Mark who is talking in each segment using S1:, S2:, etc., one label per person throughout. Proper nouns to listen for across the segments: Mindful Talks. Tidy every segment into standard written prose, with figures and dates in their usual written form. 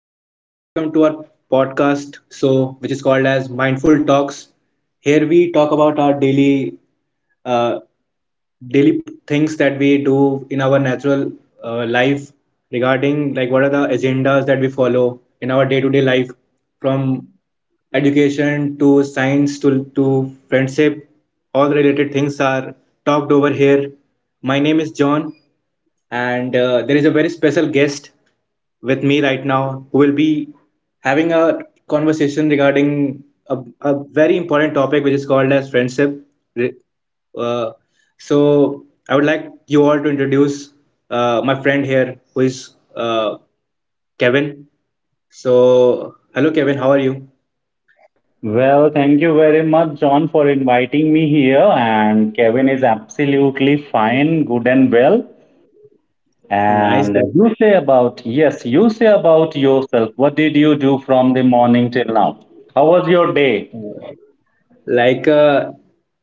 S1: and welcome to our podcast. Which is called as Mindful Talks. Here we talk about our daily, uh, daily things that we do in our natural life, regarding like what are the agendas that we follow in our day-to-day life, from education to science to friendship. All related things are talked over here. My name is John, and there is a very special guest with me right now, who will be having a conversation regarding a very important topic, which is called as friendship. Re- Uh, so, I would like you all to introduce my friend here, who is uh, Kevin. So, hello, Kevin. How are you?
S2: Well, thank you very much, John, for inviting me here. And Kevin is absolutely fine, good and well.
S1: Nice.
S2: And you say about, yes, you say about yourself. What did you do from the morning till now? How was your day?
S1: Like, uh,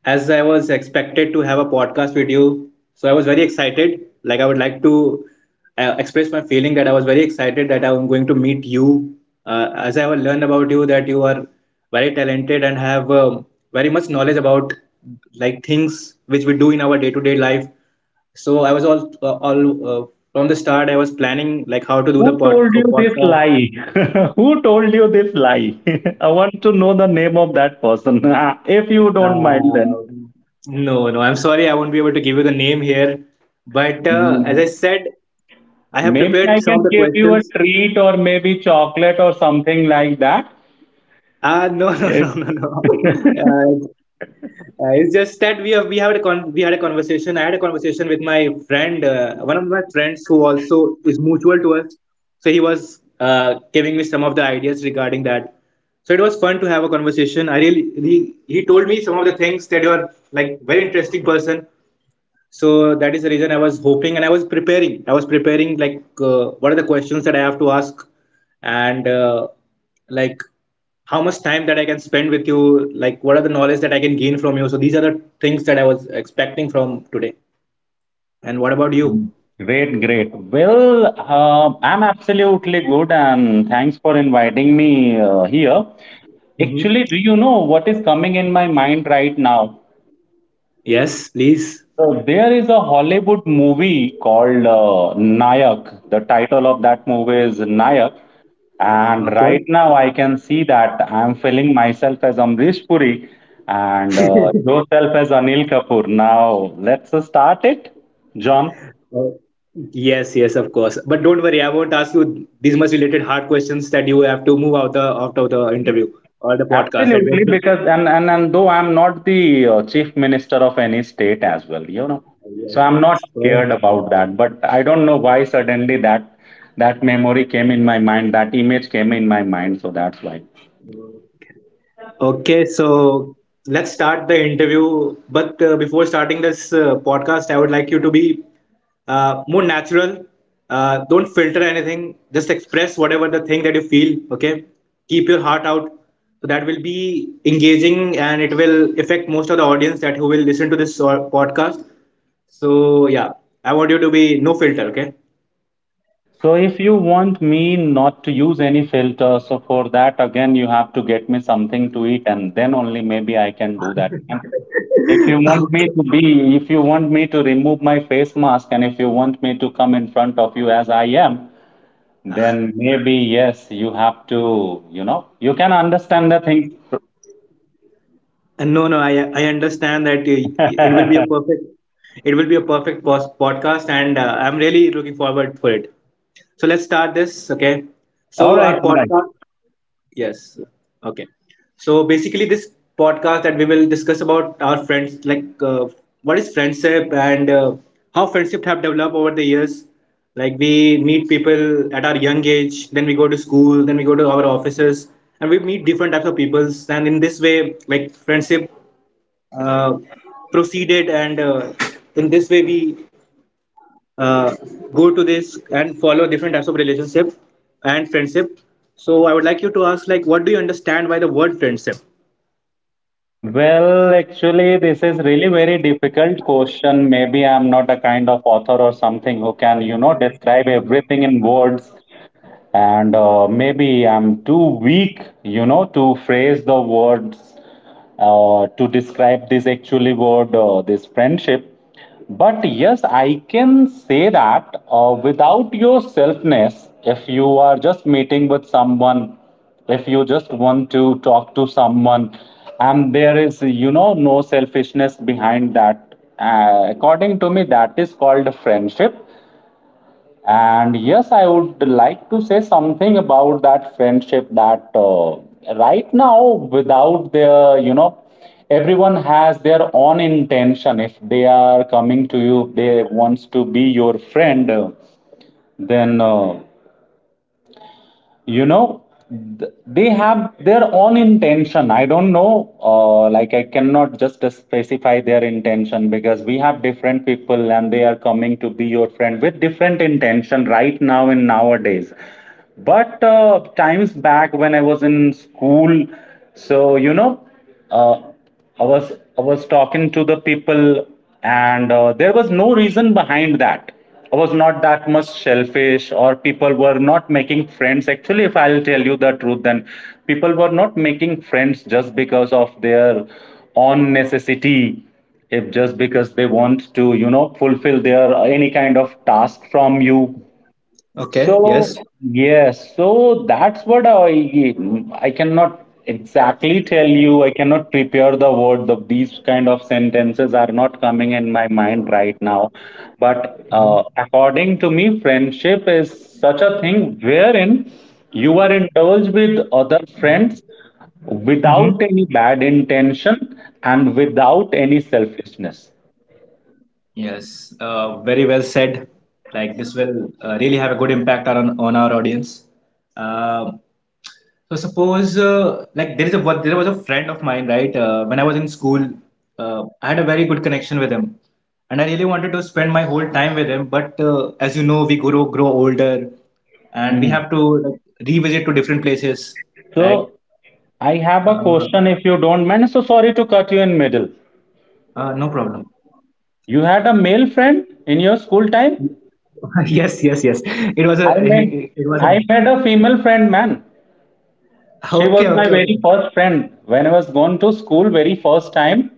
S1: as I was expected to have a podcast with you, so I was very excited. Like, I would like to express my feeling that I was very excited that I'm going to meet you. As I have learned about you, that you are very talented and have very much knowledge about like things which we do in our day-to-day life. So I was all from the start. I was planning like how to do the
S2: Who told you this
S1: podcast.
S2: lie? Who told you this lie? I want to know the name of that person, if you don't mind then.
S1: Um, no, no, I'm sorry, I won't be able to give you the name here. But as
S2: Mhm.
S1: I said, I have
S2: Maybe
S1: prepared
S2: I
S1: some of
S2: can
S1: the
S2: give you a
S1: questions.
S2: treat or maybe chocolate or something like that.
S1: Ah, no, no, no, no, no. It's just that we had a we had a conversation. I had a conversation with my friend, one of my friends who also is mutual to us. So he was uh, giving me some of the ideas regarding that. So it was fun to have a conversation. He, he told me some of the things that you're like very interesting person. So that is the reason I was hoping, and I was preparing like what are the questions that I have to ask, and like how much time that I can spend with you, like what are the knowledge that I can gain from you. So these are the things that I was expecting from today. And what about you?
S2: Mm. Great, great. Well, I'm absolutely good, and thanks for inviting me here.
S1: Hmm.
S2: Actually, do you know what is coming in my mind right now?
S1: Yes, please.
S2: So there is a Hollywood movie called Nayak. The title of that movie is Nayak, and
S1: Okay.
S2: right now I can see that I'm feeling myself as Amrish Puri and yourself as Anil Kapoor. Now let's start it, John.
S1: Uh, yes, yes, of course, but don't worry, I won't ask you these much related hard questions that you have to move out the out of the interview or the podcast that we are
S2: Absolutely,
S1: doing.
S2: because and though I'm not the chief minister of any state as well, you know, so I'm not
S1: Yes.
S2: scared about that. But I don't know why suddenly that memory came in my mind, that image came in my mind, so that's why.
S1: Okay, so let's start the interview. But before starting this podcast, I would like you to be more natural. Don't filter anything. Just express whatever the thing that you feel. Okay, keep your heart out. So that will be engaging, and it will affect most of the audience that who will listen to this podcast. So yeah, I want you to be no filter. Okay.
S2: So if you want me not to use any filter, so for that again you have to get me something to eat, and then only maybe I can do that. And if you want me to be, if you want me to remove my face mask, and if you want me to come in front of you as I am, then maybe yes, you have to, you know, you can understand the things.
S1: And no, no, I understand that it will be a
S2: All
S1: perfect it will be a perfect podcast, and I'm really looking forward for it. So let's start this, okay? So
S2: right,
S1: our
S2: all right.
S1: podcast, yes, okay. So basically, this podcast that we will discuss about our friends, like what is friendship and how friendship have developed over the years. Like we meet people at our young age, then we go to school, then we go to our offices, and we meet different types of peoples. And in this way, like friendship uh, proceeded and in this way we uh, go to this and follow different types of relationship and friendship. So I would like you to ask like what do you understand by the word friendship?
S2: Well, actually, this is really very difficult question. Maybe I'm not a kind of author or something who can, you know, describe everything in words. And maybe I'm too weak, you know, to phrase the words to describe this actually word, this friendship. But yes, I can say that without your selfness, if you are just meeting with someone, if you just want to talk to someone, and there is, you know, no selfishness behind that, according to me, that is called a friendship. And yes, I would like to say something about that friendship that right now, without their, you know, everyone has their own intention. If they are coming to you, they wants to be your friend, then you know, th- they have their own intention. I don't know, like I cannot just specify their intention because we have different people and they are coming to be your friend with different intention right now and nowadays. But times back when I was in school, so you know, uh, I was I was talking to the people, and there was no reason behind that. I was not that much selfish, or people were not making friends. Actually, if I'll tell you the truth, then people were not making friends just because of their own necessity. If just because they want to, you know, fulfill their any kind of task from you,
S1: Okay,
S2: so,
S1: yes.
S2: yes, so that's what I cannot exactly tell you. I cannot prepare the word. These kind of sentences are not coming in my mind right now. But according to me, friendship is such a thing wherein you are indulged with other friends
S1: Mm-hmm.
S2: without any bad intention and without any selfishness.
S1: Yes, very well said. Like this will really have a good impact on our audience. Um, so suppose like there was a friend of mine, right? When I was in school, I had a very good connection with him, and I really wanted to spend my whole time with him. But as you know, we grow older, and we
S2: Mhm.
S1: have to like, revisit to different places, right?
S2: So I have a
S1: Uh,
S2: question if you don't mind. So sorry to cut you in middle.
S1: no problem.
S2: You had a male friend in your school time?
S1: Yes, yes, yes. It was
S2: I met
S1: it was a
S2: I met a female friend, man. She was
S1: okay,
S2: my
S1: okay,
S2: very
S1: okay.
S2: first friend when I was going to school very first time.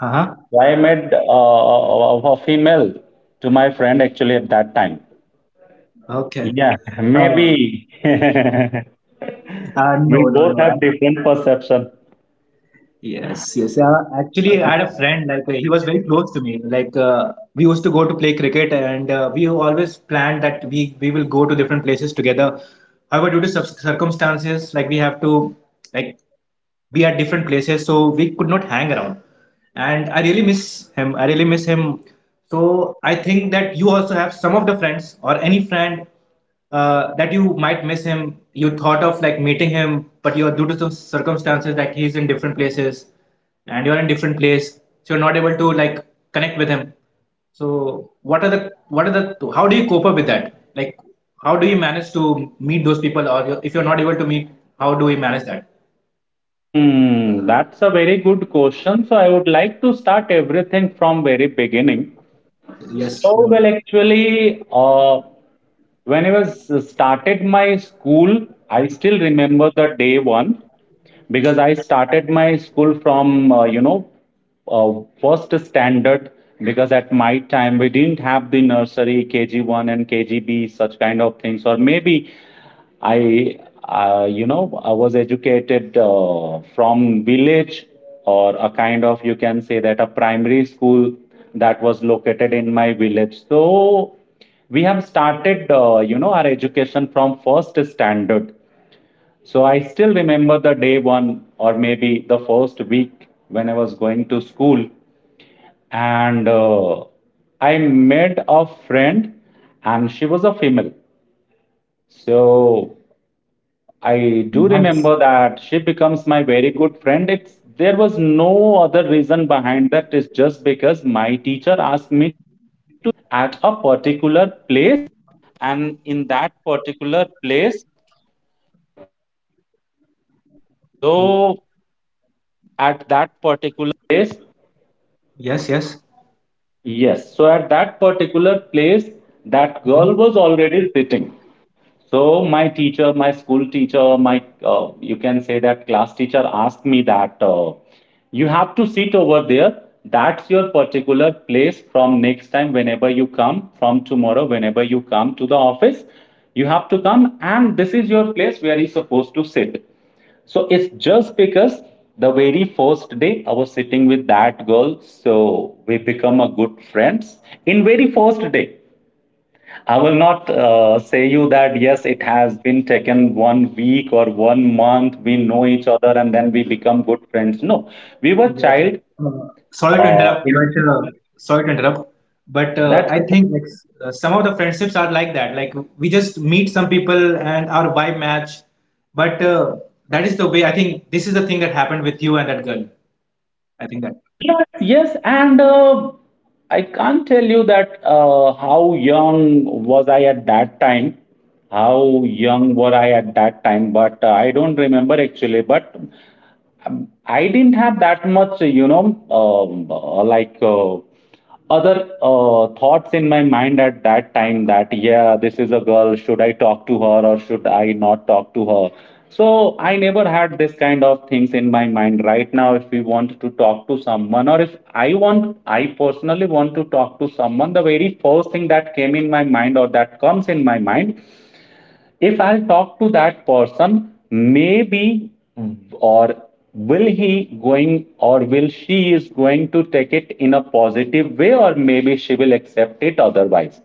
S1: Uh huh.
S2: I met a female to my friend actually at that time.
S1: Okay.
S2: Yeah,
S1: Uh,
S2: maybe we
S1: no, no,
S2: both
S1: no.
S2: have different perception.
S1: Yes, yes. Actually, I had a friend, like, he was very close to me. Like, we used to go to play cricket, and we always planned that we will go to different places together. However, due to circumstances, like, we have to, like, be at different places, so we could not hang around. And I really miss him. I really miss him. So I think that you also have some of the friends or any friend that you might miss him. You thought of like meeting him, but you're due to some circumstances that he's in different places and you're in different place, so you're not able to like connect with him. So what are the how do you cope up with that? Like how do you manage to meet those people, or if you're not able to meet, how do you manage that?
S2: Hmm, that's a very good question. So I would like to start everything from very beginning.
S1: Yes,
S2: So
S1: sure.
S2: well, actually, when I was started my school, I still remember the day one because I started my school from uh, first standard, because at my time we didn't have the nursery kg1 and kgb such kind of things. Or maybe I, you know, I was educated from village, or a kind of, you can say that a primary school that was located in my village. So we have started, you know, our education from first standard. So I still remember the day one or maybe the first week when I was going to school, and I met a friend, and she was a female. So I do
S1: Nice.
S2: remember that she becomes my very good friend. It's there was no other reason behind that. It's just because my teacher asked me to sit at a particular—
S1: Yes, yes.
S2: Yes, so at that particular place, that girl was already sitting. So my teacher, my school teacher, my you can say that class teacher asked me that you have to sit over there. That's your particular place from next time whenever you come, from tomorrow whenever you come to the office, you have to come and this is your place where you're supposed to sit. So it's just because the very first day I was sitting with that girl, so we become a good friends in very first day. I will not say you that yes, it has been taken 1 week or 1 month. We know each other and then we become good friends. No, we were
S1: Yes, yes.
S2: child.
S1: Sorry to
S2: Uh,
S1: interrupt,
S2: in,
S1: but sorry to interrupt, but I
S2: that's it.
S1: think like some of the friendships are like that. Like we just meet some people and our vibe match, but that is the way. I think this is the thing that happened with you and that girl. I think that.
S2: Yes, yes, and I can't tell you that how young was I at that time, how young were I at that time, but I don't remember actually. But I didn't have that much, you know, um, uh, like uh, other thoughts in my mind at that time that, yeah, this is a girl, should I talk to her or should I not talk to her? So I never had this kind of things in my mind. Right now, if we want to talk to someone, or if I want, I personally want to talk to someone, the very first thing that came in my mind or that comes in my mind, if I'll talk to that person, maybe, or will he going or will she is going to take it in a positive way or maybe she will accept it otherwise.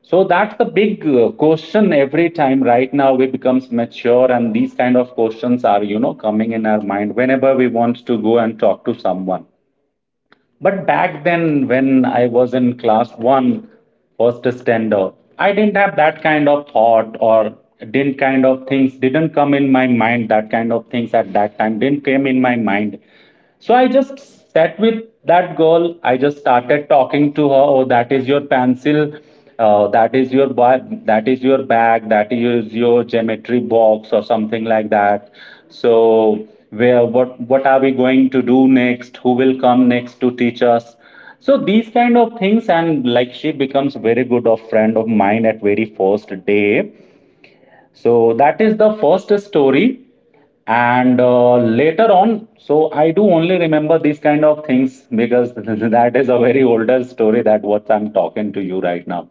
S2: So that's the big question every time right now we becomes mature and these kind of questions are, you know, coming in our mind whenever we want to go and talk to someone. But back then, when I was in class one, first standard, I didn't have that kind of thought, or didn't kind of things didn't come in my mind. That kind of things at that time didn't came in my mind. So I just sat with that girl. I just started talking to her. Oh, that is your pencil. That is your that is your bag. That is your geometry box or something like that. So where, what are we going to do next? Who will come next to teach us? So these kind of things, and like she becomes very good of friend of mine at very first day. So that is the first story. And later on, so I do only remember these kind of things because that is a very older story that what I'm talking to you right now.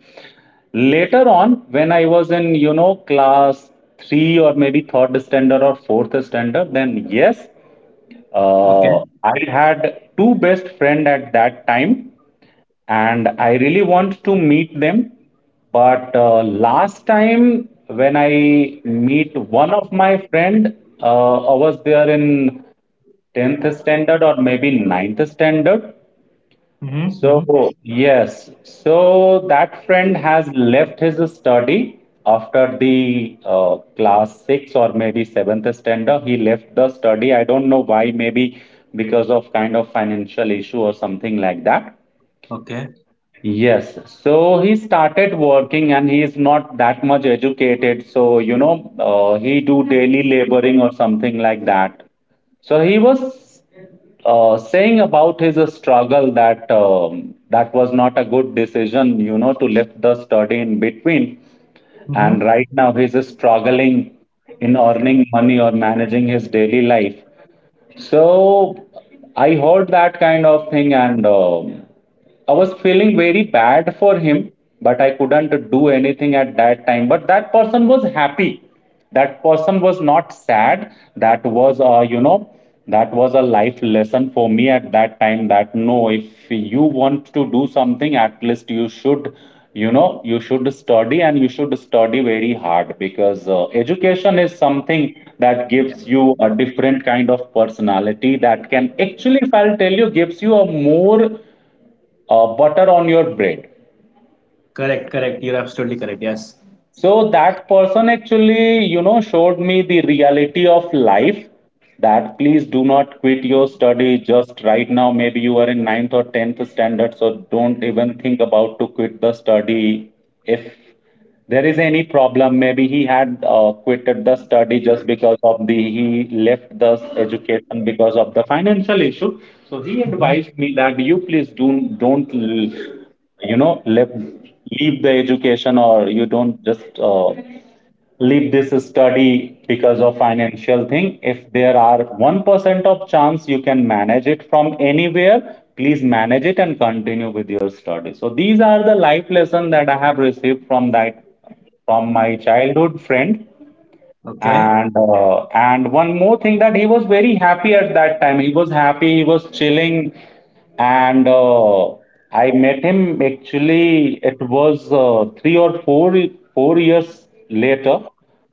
S2: Later on when I was in, you know, class 3 or maybe third standard or fourth standard, then yes, uh,
S1: Okay.
S2: I had 2 best friend at that time, and I really want to meet them. But last time when I meet one of my friend, I was there in 10th standard or maybe ninth standard.
S1: Mm-hmm,
S2: So
S1: mm-hmm.
S2: yes, so that friend has left his study after the class 6 or maybe 7th standard. He left the study. I don't know why, maybe because of kind of financial issue or something like that.
S1: Okay.
S2: Yes, so he started working and he is not that much educated. So, you know, he do daily laboring or something like that. So he was saying about his struggle that that was not a good decision, you know, to lift the study in between.
S1: Mm-hmm.
S2: And right now he's struggling in earning money or managing his daily life. So I heard that kind of thing and I was feeling very bad for him, but I couldn't do anything at that time. But that person was happy. That person was not sad. That was, that was a life lesson for me at that time that no, if you want to do something, at least you should, you should study and you should study very hard because education is something that
S1: Yeah.
S2: gives you a different kind of personality that can actually, if I'll tell you, gives you a more butter on your bread.
S1: Correct. Correct. You're absolutely correct. Yes.
S2: So that person actually, you know, showed me the reality of life that please do not quit your study just right now. Maybe you are in ninth or tenth standard, so don't even think about to quit the study if there is any problem, maybe he had quitted the study just because of the he left the education because of the financial issue. So he
S1: Mm-hmm.
S2: advised me that you please do don't left leave the education, or you don't just leave this study because of financial thing. If there are 1% of chance you can manage it from anywhere, please manage it and continue with your study. So these are the life lesson that I have received from that, from my childhood friend.
S1: Okay.
S2: And one more thing, that he was very happy at that time. He was happy. He was chilling, and I met him actually. It was three or four years later,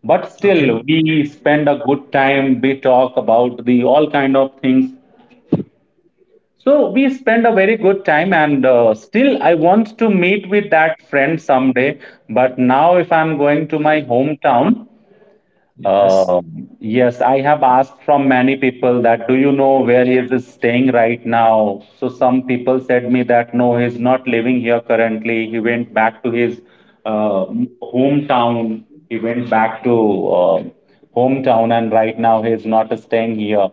S2: but
S1: Okay.
S2: still we spend a good time. We talk about the all kind of things. So we spend a very good time, and still I want to meet with that friend someday. But now, if I'm going to my hometown.
S1: Yes.
S2: Yes, I have asked from many people that do you know where he is staying right now? So some people said me that no, he's not living here currently. He went back to his uh, hometown. He went back to uh, hometown, and right now he is not staying here.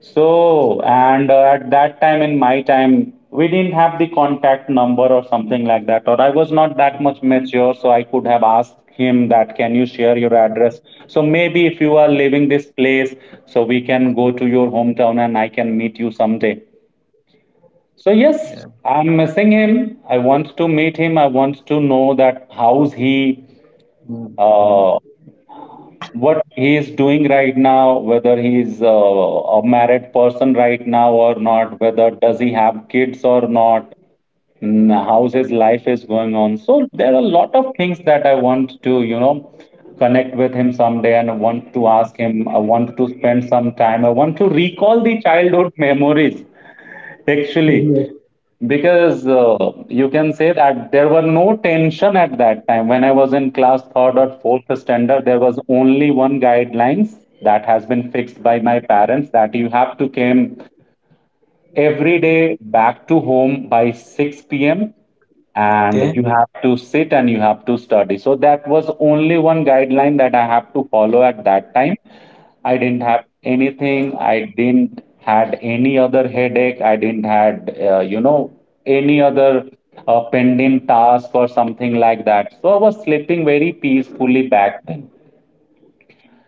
S2: So, and at that time in my time, we didn't have the contact number or something like that, or I was not that much mature, so I could have asked him that, can you share your address? So maybe if you are leaving this place, so we can go to your hometown and I can meet you someday. So yes,
S1: Yeah.
S2: I'm missing him. I want to meet him. I want to know that how's he.
S1: Mm,
S2: Uh, what he is doing right now, whether he's a married person right now or not, whether does he have kids or not, mm, how's his life is going on. So there are a lot of things that I want to, you know, connect with him someday, and I want to ask him, I want to spend some time, I want to recall the childhood memories actually,
S1: mm.
S2: because you can say that there were no tension at that time. When I was in class third or fourth standard, there was only one guidelines that has been fixed by my parents, that you have to came every day back to home by 6 p.m. and
S1: Okay.
S2: you have to sit and you have to study. So that was only one guideline that I have to follow at that time. I didn't have anything. I didn't had any other headache. I didn't had any other pending task or something like that. So I was sleeping very peacefully back then.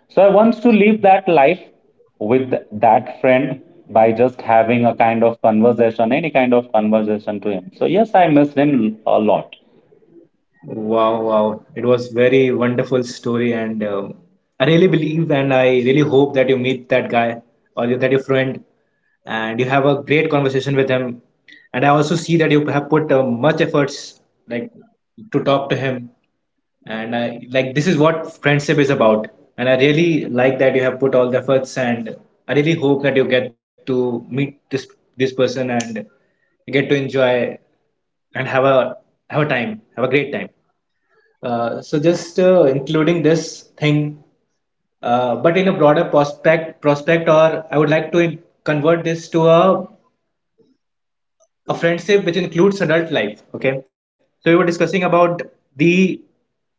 S2: So I want to live that life with that friend by just having a kind of conversation, any kind of conversation to him. So yes, I missed him a lot.
S1: Wow, wow. It was very wonderful story and I really believe and I really hope that you meet that guy or you, that your friend and you have a great conversation with him. And I also see that you have put much efforts like to talk to him and I like this is what friendship is about. And I really like that you have put all the efforts and I really hope that you get to meet this person and you get to enjoy and have a have a great time. So just including this thing, but in a broader prospect, or I would like to convert this to a friendship which includes adult life. Okay. So we were discussing about the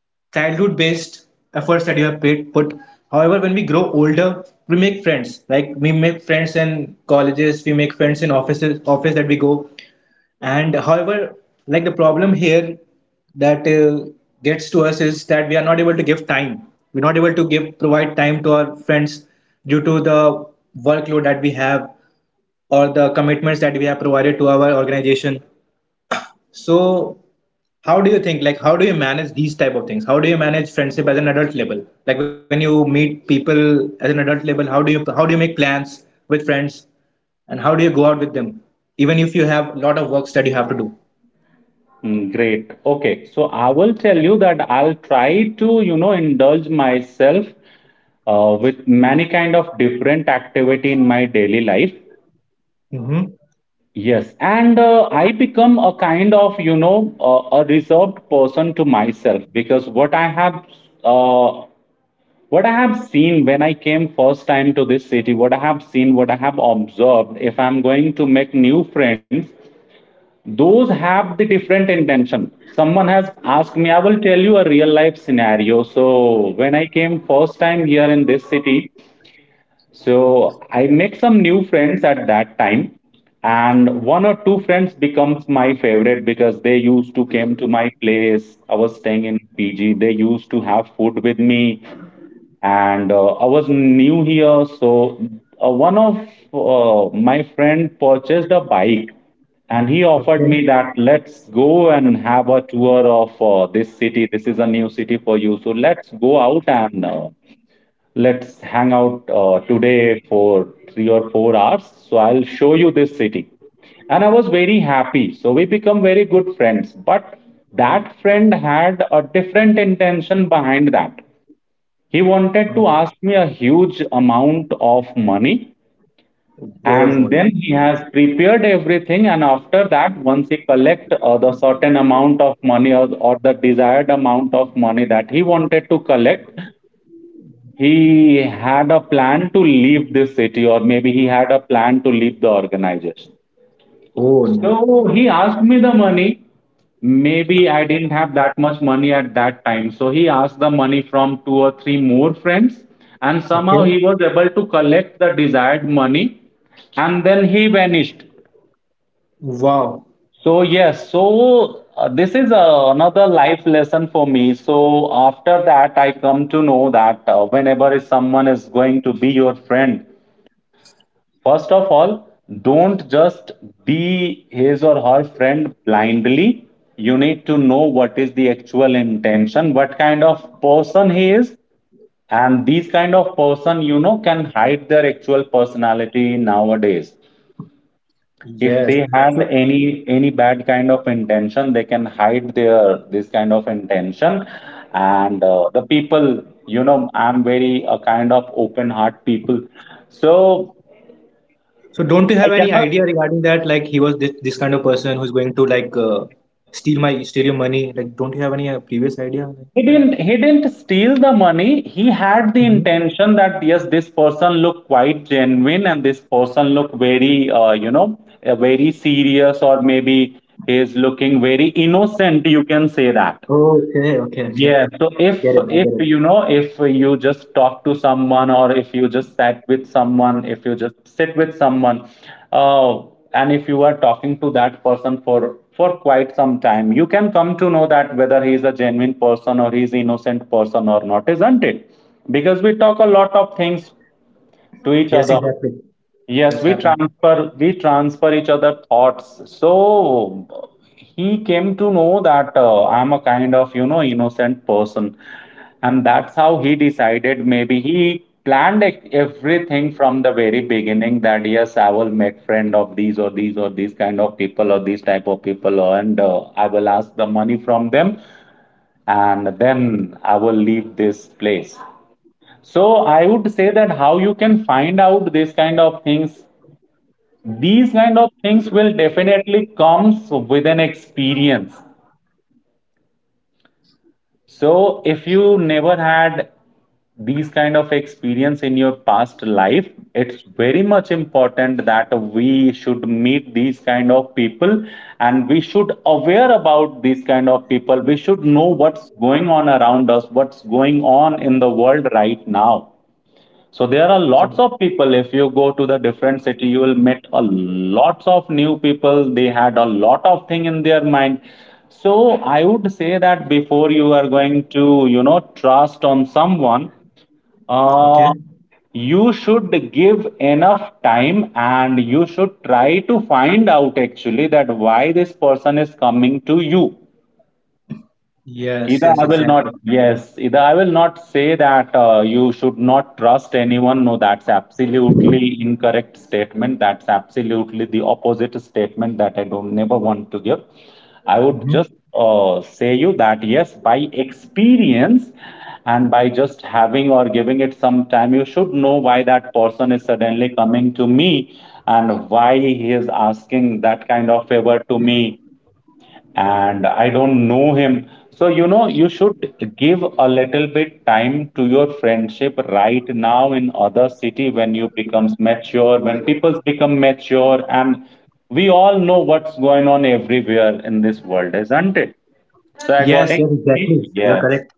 S1: childhood-based efforts that you have put. However, when we grow older, we make friends. Like we make friends in colleges, we make friends in offices, office that we go. And however, like the problem here that gets to us is that we are not able to give time. We're not able to give provide time to our friends due to the workload that we have or the commitments that we have provided to our organization. So, how do you think? Like, how do you manage these type of things? How do you manage friendship as an adult level? Like when you meet people as an adult level, how do you make plans with friends, and how do you go out with them, even if you have a lot of works that you have to
S2: Mm, great. Okay. So I will tell you that I'll try to, you know, indulge myself with many kind of different activity in my daily life.
S1: do?
S2: Yes, and I become a kind of, you know, a reserved person to myself, because what I have uh, what I have seen when I came first time to this city, what I have seen, what I have observed, if I'm going to make new friends, those have the different intention. Someone has asked me, I will tell you a real life scenario. So when I came first time here in this city, so I make some new friends at that time, and one or two friends becomes my favorite because they used to came to my place. I was staying in PG, they used to have food with me, and I was new here, so one of my friend purchased a bike, and he offered
S1: Okay.
S2: me that let's go and have a tour of this city. This is a new city for you, so let's go out and let's hang out today for 3 or 4 hours. So I'll show you this city, and I was very happy. So we become very good friends. But that friend had a different intention behind that. He wanted
S1: Uh,
S2: to ask me a huge amount of money,
S1: oh, oh,
S2: and then he has prepared everything. And after that, once he collect the certain amount of money, or the desired amount of money that he wanted to collect, he had a plan to leave this city, or maybe he had a plan to leave the organization.
S1: oh, no.
S2: So he asked me the money. Maybe I didn't have that much money at that time. So he asked the money from two or three more friends, and
S1: Okay.
S2: somehow he was able to collect the desired money, and then he vanished.
S1: Wow.
S2: So, yes, so this is another life lesson for me. So, after that, I come to know that whenever is someone is going to be your friend, first of all, don't just be his or her friend blindly. You need to know what is the actual intention, what kind of person he is. And these kind of person, you know, can hide their actual personality nowadays. If
S1: Yes.
S2: they had
S1: So,
S2: any bad kind of intention, they can hide their this kind of intention. And the people, you know, I'm very a kind of open heart people. So
S1: so don't you
S2: I
S1: have any
S2: cannot.
S1: idea regarding that? Like he was this kind of person who's going to like steal your money. Like, don't you have any previous idea like that?
S2: He didn't steal the money. He had the
S1: Hmm.
S2: intention that yes, this person looked quite genuine, and this person looked very very serious, or maybe is looking very innocent. You can say that.
S1: Okay. Okay. Okay.
S2: Yeah, so if
S1: Get it. I get it.
S2: you know, if you just talk to someone, or if you just sat with someone, if you just sit with someone, uh, and if you are talking to that person for quite some time, you can come to know that whether he is a genuine person or he is innocent person or not, isn't it? Because we talk a lot of things to each
S1: Yes.
S2: other.
S1: Exactly. That's
S2: Yes,
S1: happened.
S2: we transfer each other thoughts. So he came to know that I'm a kind of, you know, innocent person, and that's how he decided. Maybe he planned everything from the very beginning, that yes, I will make friend of these or these or these kind of people or these type of people, and I will ask the money from them, and then I will leave this place. So I would say that how you can find out this kind of things, these kind of things will definitely comes with an experience. So if you never had these kind of experience in your past life, it's very much important that we should meet these kind of people, and we should aware about these kind of people. We should know what's going on around us, what's going on in the world right now. So there are lots
S1: Oh,
S2: of people. If you go to the different city, you will meet a lots of new people. They had a lot of thing in their mind. So I would say that before you are going to, you know, trust on someone, uh,
S1: okay.
S2: you should give enough time, and you should try to find out actually that why this person is coming to you.
S1: Yes.
S2: Ida, I
S1: Yes.
S2: will not,
S1: Exactly.
S2: yes, Ida, I will not say that you should not trust anyone. No, that's absolutely incorrect statement. That's absolutely the opposite statement that I don't never want to give. I would
S1: Hmm.
S2: just say you that yes, by experience and by just having or giving it some time, you should know why that person is suddenly coming to me, and why he is asking that kind of favor to me, and I don't know him. So, you know, you should give a little bit time to your friendship right now in other city when you becomes mature, when people become mature, and we all know what's going on everywhere in this world, isn't it? So
S1: Yes. Yes.
S2: according to me,
S1: Exactly. You're
S2: yes,
S1: correct.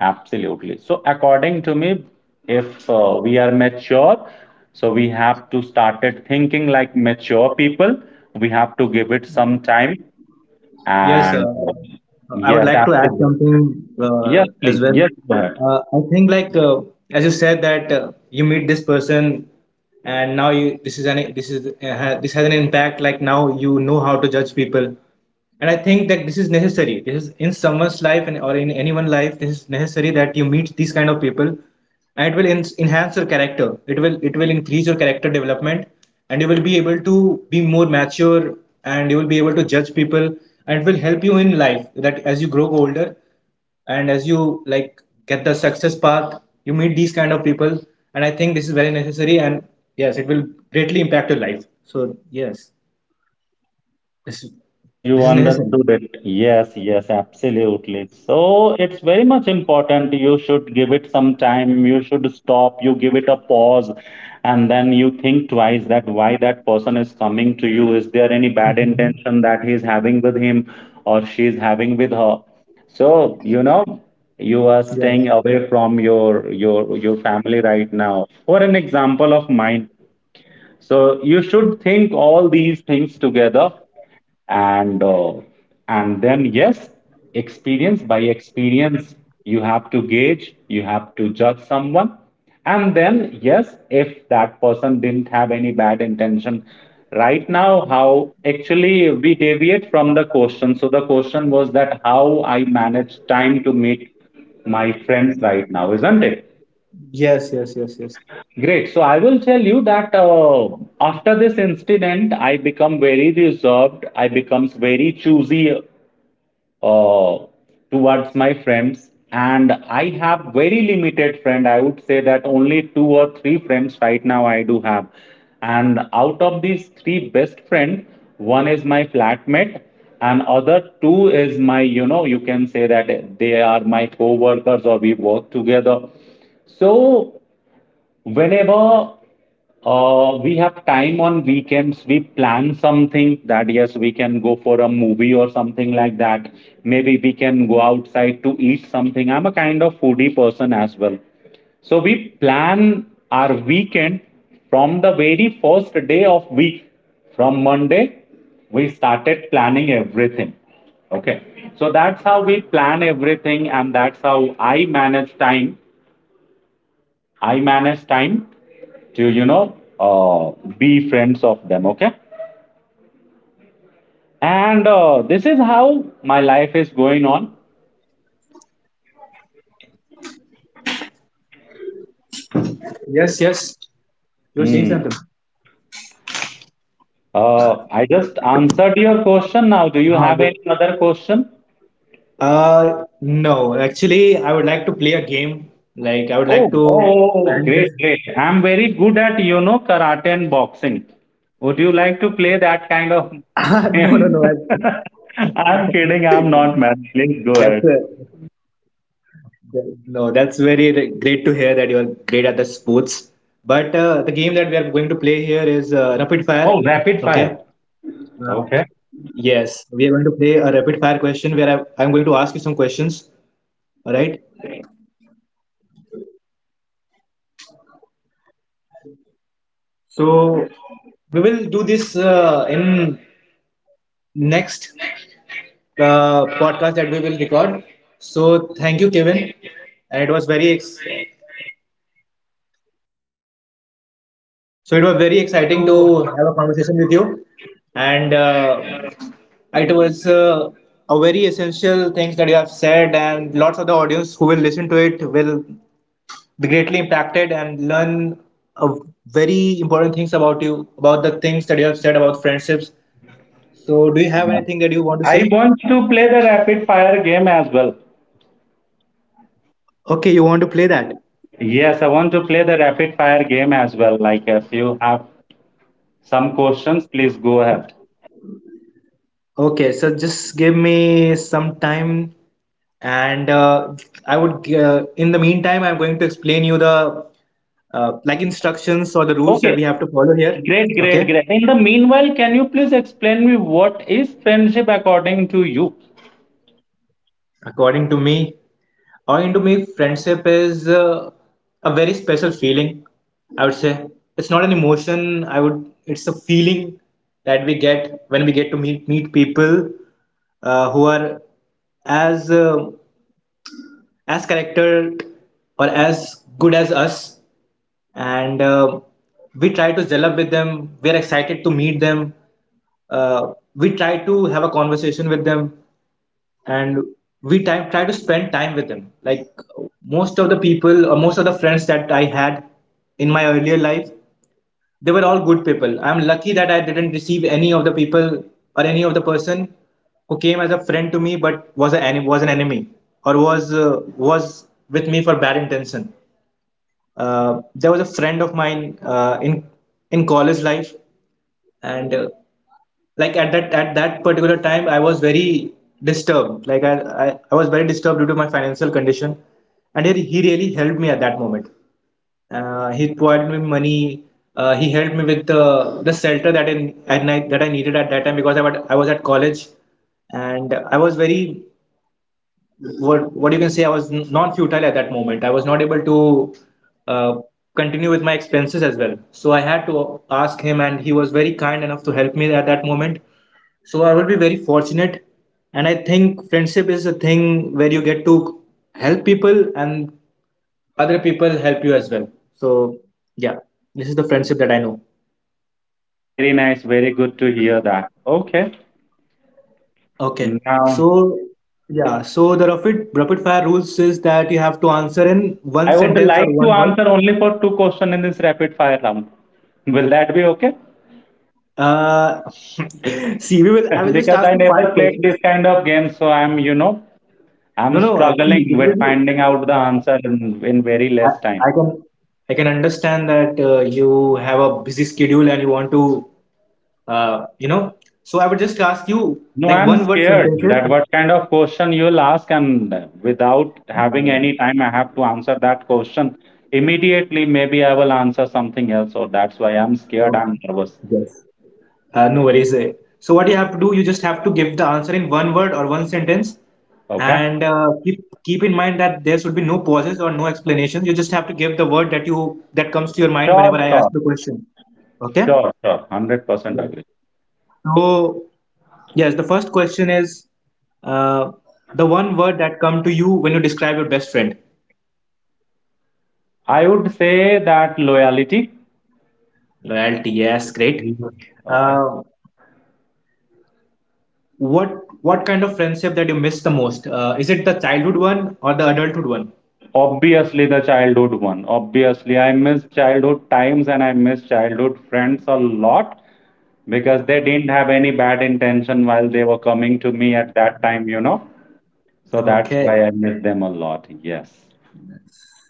S2: absolutely. So according to me, if we are mature, so we have to started thinking like mature people. We have to give it some time,
S1: Yes,
S2: and
S1: I would
S2: yes,
S1: like to add
S2: absolutely.
S1: something
S2: Yes,
S1: as
S2: please.
S1: well.
S2: Yes, Bharat.
S1: I think, like as you said, that you meet this person, and now you this is this has an impact. Like now you know how to judge people, and I think that this is necessary. This is in someone's life, and or in anyone's life this is necessary that you meet these kind of people, and it will enhance your character. It will, it will increase your character development, and you will be able to be more mature, and you will be able to judge people, and it will help you in life that as you grow older, and as you like get the success path, you meet these kind of people, and I think this is very necessary, and yes, it will greatly impact your life. So yes, this
S2: Yes, you
S1: this is necessary.
S2: understood it. Yes, yes, absolutely. So it's very much important. You should give it some time. You should stop. You give it a pause. And then you think twice that why that person is coming to you. Is there any bad intention that he's having with him or she's having with her? So, you know, you are
S1: Yes.
S2: staying away from your family right now. For an example of mine, so you should think all these things together, and uh, and then yes, experience by experience you have to gauge, you have to judge someone, and then yes, if that person didn't have any bad intention. Right now, how actually we deviate from the question. So the question was that how I manage time to meet my friends right now, isn't it?
S1: Yes, yes, yes, yes.
S2: Great. So I will tell you that after this incident, I become very reserved. I becomes very choosy uh, towards my friends, and I have very limited friend. I would say that only two or three friends right now I do have, and out of these three best friend, one is my flatmate, and other two is my, you know, you can say that they are my co-workers or we work together. So whenever we have time on weekends, we plan something that yes, we can go for a movie or something like that. Maybe we can go outside to eat something. I'm a kind of foodie person as well. So we plan our weekend from the very first day of week. From Monday, we started planning everything. Okay. So that's how we plan everything, and that's how I manage time. I manage time to uh, be friends of them, okay, and this is how my life is going on.
S1: Yes, yes. You are saying something.
S2: Hmm. uh, I just answered your question. Now, do you
S1: Ah,
S2: have
S1: ye-
S2: any other question?
S1: uh, no, actually, I would like to play a game. Like, I would
S2: oh
S1: like
S2: oh,
S1: to
S2: oh, oh,
S1: end
S2: great,
S1: this.
S2: great, I'm very good at, you know, karate and boxing. Would you like
S1: No,
S2: to
S1: no, no.
S2: play that
S1: I-
S2: kind of game? I'm
S1: That's
S2: kidding.
S1: a,
S2: I'm not mad, please go ahead.
S1: that- no, that's very r- Great to hear that you are great at the sports. But the game that we are going to play here is rapid fire. Okay.
S2: Oh, rapid fire,
S1: Uh,
S2: okay.
S1: yes, we are going to play a rapid fire question where I'm going to ask you some questions. All right. So we will do this in next podcast that we will record. So thank you, Kevin, and it was very ex- so it was
S2: Very
S1: very
S2: exciting
S1: exciting to
S2: to.
S1: have a conversation with you, and it was a very essential things that you have said, and lots of the audience who will listen to it will be greatly impacted and learn a very important things about you about the things that you have said about friendships. So do you have anything that you want to
S2: I
S1: say?
S2: want to play the rapid fire game as well.
S1: Okay, you want to play that?
S2: Yes, I want to play the rapid fire game as well. Like if you have some questions, please go ahead.
S1: Okay, so just give me some time, and I would. In the meantime, I'm going to explain you the like instructions or the rules that
S2: Okay.
S1: we have to follow here.
S2: Great, great,
S1: Okay,
S2: great. In the meanwhile, can you please explain me what is friendship according to you?
S1: according to me, according to me, friendship is a very special feeling. I would say it's not an emotion. I would. It's a feeling that we get when we get to meet people who are as uh, as character or as good as us and we try to gel up with them, we are excited to meet them, we try to have a conversation with them, and we try to spend time with them. Like most of the people or most of the friends that I had in my earlier life, they were all good people. I'm lucky that I didn't receive any of the people or any of the person who came as a friend to me but was an enemy or was with me for bad intention. There was a friend of mine in college life, and like at that particular time, I was very disturbed. I was very disturbed due to my financial condition, and he really helped me at that moment. He provided me money. He helped me with the shelter that in at night that I needed at that time because I was at college, and I was very what you can say I was non futile at that moment. I was not able to uh, continue with my expenses as well. So I had to ask him, and he was very kind enough to help me at that moment. So I will be very fortunate, and I think friendship is a thing where you get to help people, and other people help you as well. So yeah, this is the friendship that I know.
S2: Very nice, very good to hear that. Okay.
S1: Okay,
S2: Now,
S1: so yeah, so the rapid fire rules is that you have to answer in one
S2: I would
S1: sentence or
S2: like to
S1: one word.
S2: answer only for two questions in this rapid fire round. Will that be okay?
S1: Uh, see, we will. I will just
S2: Because
S1: ask
S2: I
S1: you five
S2: never played this
S1: questions.
S2: kind of game, so I'm
S1: No, no. See,
S2: struggling
S1: it will
S2: with
S1: be.
S2: finding out the
S1: Uh,
S2: answer in very less time.
S1: I can. I can understand that you have a busy schedule and you want to. You know. So I would just ask you
S2: No,
S1: like
S2: I'm
S1: one word
S2: scared that
S1: sentences.
S2: what kind of question you'll ask, and without having
S1: No, no.
S2: any time, I have to answer that question immediately. Maybe I will answer something else, so that's why I'm
S1: no. Okay,
S2: scared. I'm nervous.
S1: yes. No worries. So what you have to do, you just have to give the answer in one word or one sentence,
S2: Okay.
S1: and keep in mind that there should be no pauses or no explanations. You just have to give the word that you that comes to your mind
S2: Sure,
S1: whenever I ask
S2: sure,
S1: the question. Okay?
S2: sure, sure. 100%
S1: Yes.
S2: agree.
S1: So yes, the first question is uh, the one word that come to you when you describe your best friend.
S2: I would say that loyalty.
S1: Loyalty. Yes, great.
S2: Okay.
S1: Uh, what what kind of friendship that you miss the most? Is it the childhood one or the adulthood one?
S2: Obviously, the childhood one. Obviously, I miss childhood times and I miss childhood friends a lot, because they didn't have any bad intention while they were coming to me at that time, you know. So that's why
S1: Okay.
S2: I miss them a lot. Yes.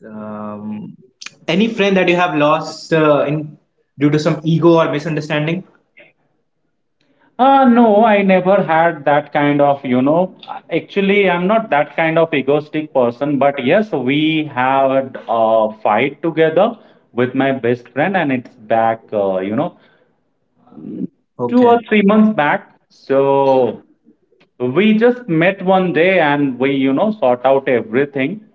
S1: Um, any friend that you have lost in due to some ego or misunderstanding?
S2: No, I never had that kind of, you know, actually, I'm not that kind of egoistic person, but yes, we had a fight together with my best friend, and it's back, two or
S1: Okay.
S2: three months back. So we just met one day and we, you know, sort out everything.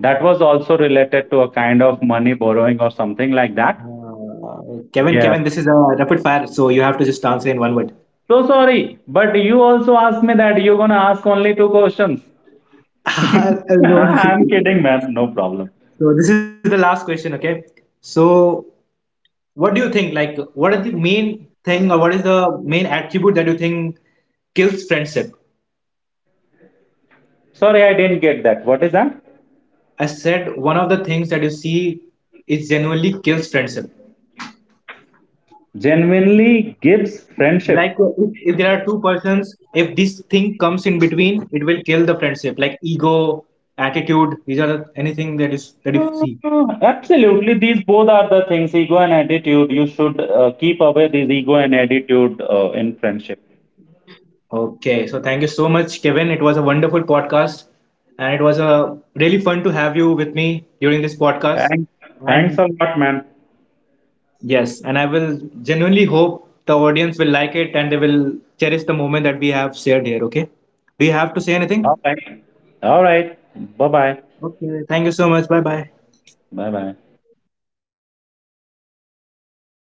S2: That was also related to a kind of money borrowing or something like that. Yeah.
S1: Kevin, this is a rapid fire, so you have to just answer in one word.
S2: So sorry, but you also asked me that you're gonna ask only two questions.
S1: No.
S2: I'm kidding, ma'am. No problem.
S1: So this is the last question, okay? So what do you think? Like, what is the main thing, or what is the main attribute that you think kills friendship?
S2: Sorry, I didn't get that. What is that?
S1: I said one of the things that you see is genuinely kills friendship.
S2: Genuinely gives friendship.
S1: Like if there are two persons, if this thing comes in between, it will kill the friendship. Like ego, attitude, these are the- anything that is that you see.
S2: Mm, absolutely, these both are the things, ego and attitude. You should keep away this ego and attitude in friendship.
S1: Okay, so thank you so much, Kevin. It was a wonderful podcast, and it was a really fun to have you with me during this podcast.
S2: Thanks. Thanks a
S1: And
S2: lot, man.
S1: yes, and I will genuinely hope the audience will like it and they will cherish the moment that we have shared here. Okay, do you have to say anything?
S2: All right. All right. Bye bye.
S1: Okay, thank you so much. Bye bye.
S2: Bye bye.